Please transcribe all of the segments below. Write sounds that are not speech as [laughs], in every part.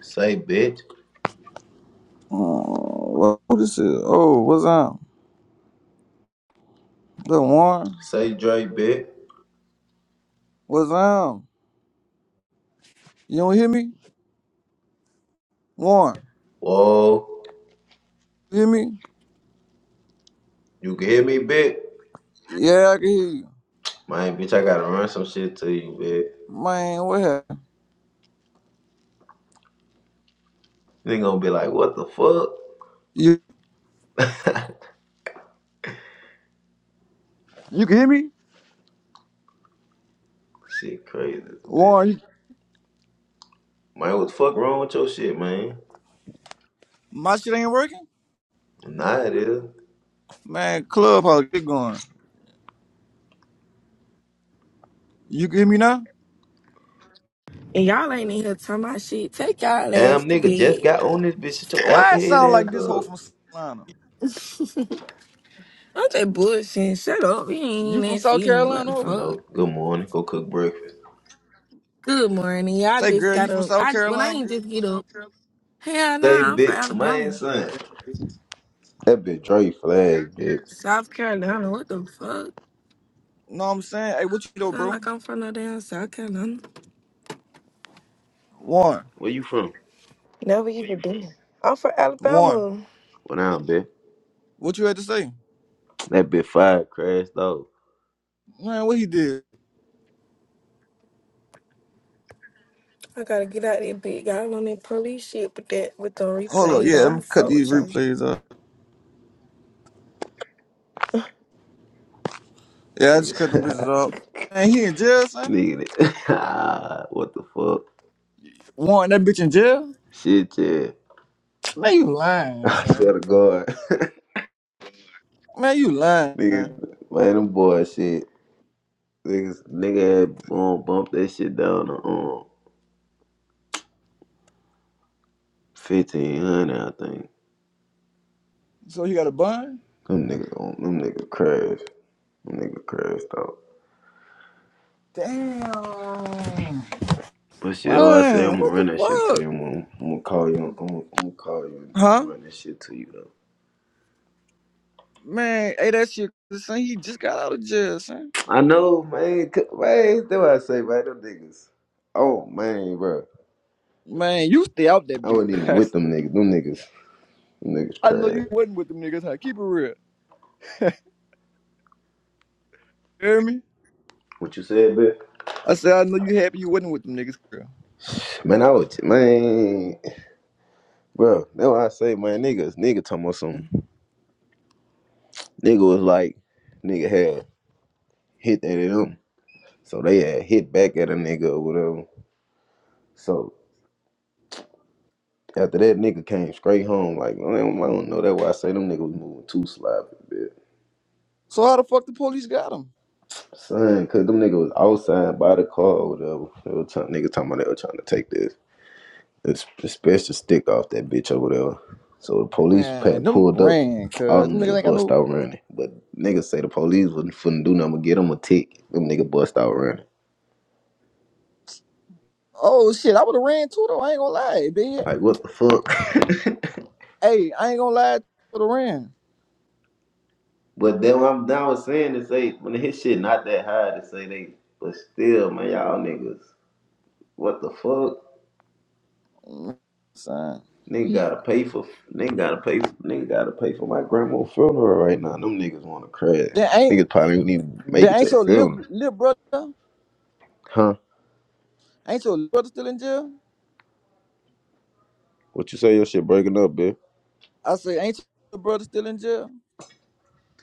Say, bitch. Oh, what this is? Oh, what's up? Look, Warren, Say, Dre, bitch. what's up? You don't hear me, Warren? Whoa. You hear me? You can hear me, bitch? Yeah, I can hear you. Man, bitch, I gotta run some shit to you, bitch. Man, what happened? Nigga gonna be like, what the fuck? You you can hear me, Shit crazy, bitch. Warren? You, Man, what the fuck wrong with your shit, man? my shit ain't working. Nah, it is. Man, clubhouse get going. You can hear me now? And y'all ain't in here talking about shit. Take y'all ass Damn, to nigga, just bed. got on this bitch. Shut your Why apple it head sound like ass this hoe up. from South Carolina? [laughs] I'm just bullshitting. Shut up. You ain't even You from that South serious. What Carolina, the I hoe? fuck? know. Good morning. Go cook breakfast. Good morning. Y'all Say, just girl, you got from up. South I when I Carolina? ain't just get up. Hell Say, nah, I'm from bitch. Man, Alabama. son. That bitch Dre flag, bitch. South Carolina. What the fuck? Know what I'm saying? Hey, what you do, Sound bro? like I'm from no damn South Carolina. Warren, Where you from? Never even been. I'm from Warren, Alabama. Well, now, bitch. what you had to say? That bitch fire crashed though. Man, what he did? I gotta get out of there big. Y'all on that police shit with that with the Hold up, replay. yeah, I'm I'm gonna gonna cut fuck these with y'all. replays off. Yeah, I just cut them bitches Niggas. off. [laughs] Man, he in jail, son. Nigga, [laughs] what the fuck? Warrant that bitch in jail? Shit, yeah. Man, you [laughs] lying, I son. swear to God. Man, you lying. [laughs] Nigga, man, them boys shit. Niggas, nigga had um, bumped that shit down to um, 1500, I think. So he got a bun? Them niggas, um, them niggas crashed. Them niggas crashed out. Damn. But shit, oh, I say Man, I'm gonna what run the that shit to fuck? you. I'm gonna, I'm gonna call you. I'm gonna, I'm gonna call you Huh? and run that shit to you, though. Man, hey, that shit, son. He just got out of jail, son. I know, man. c- Man, that's what I say, man. Them niggas. Oh, man, bro. Man, you stay out that I bitch. wasn't even with [laughs] them niggas. Them niggas. Niggas I know crazy. you wasn't with them niggas, huh? Keep it real. You hear me? What you said, bitch? I said, I know you happy you wasn't with them niggas, girl. Man, I was man, bro. That's why I say, man, niggas, nigga talking about some nigga was like, nigga had hit that at him, so they had hit back at a nigga or whatever. So after that, nigga came straight home. Like, I don't, I don't know. That's why I say them niggas was moving too sloppy, bitch. So how the fuck the police got him? Son, cause them niggas was outside by the car or whatever. They were trying, nigga talking about they were trying to take this. It's, it's best to stick off that bitch or whatever. So the police Man, had them pulled up. ran, All cuz. Them them niggas niggas ain't got bust no out running. But niggas say the police wasn't finna do nothing but get them a tick. Them niggas bust out running. Oh shit, I would have ran too though. I ain't gonna lie, bitch. Like, what the fuck? [laughs] Hey, I ain't gonna lie, would have ran. But then what I'm down with saying is say when his shit not that high to say they but still man y'all niggas what the fuck Mm, Son, nigga He- gotta pay for nigga gotta pay for, nigga gotta pay for my grandma's funeral right now them niggas wanna crash that ain't niggas probably didn't even make that it to ain't the your little funeral little brother. huh Ain't your little brother still in jail? what you say your shit breaking up bitch I say, ain't your little brother still in jail?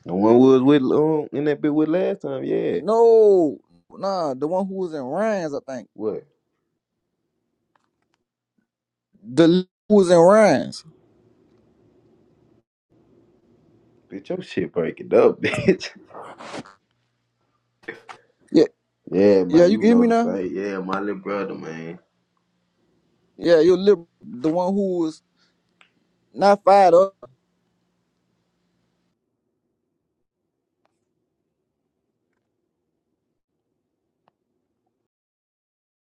The one we was with um, in that bit with last time, yeah. No, nah, the one who was in Ryan's, I think. What? The li- who was in Ryan's. Bitch, your shit break it up, [laughs] bitch. Yeah, yeah, yeah, man, you you can hear know me the now. same. Yeah, my little brother, man. Yeah, your little the one who was not fired up.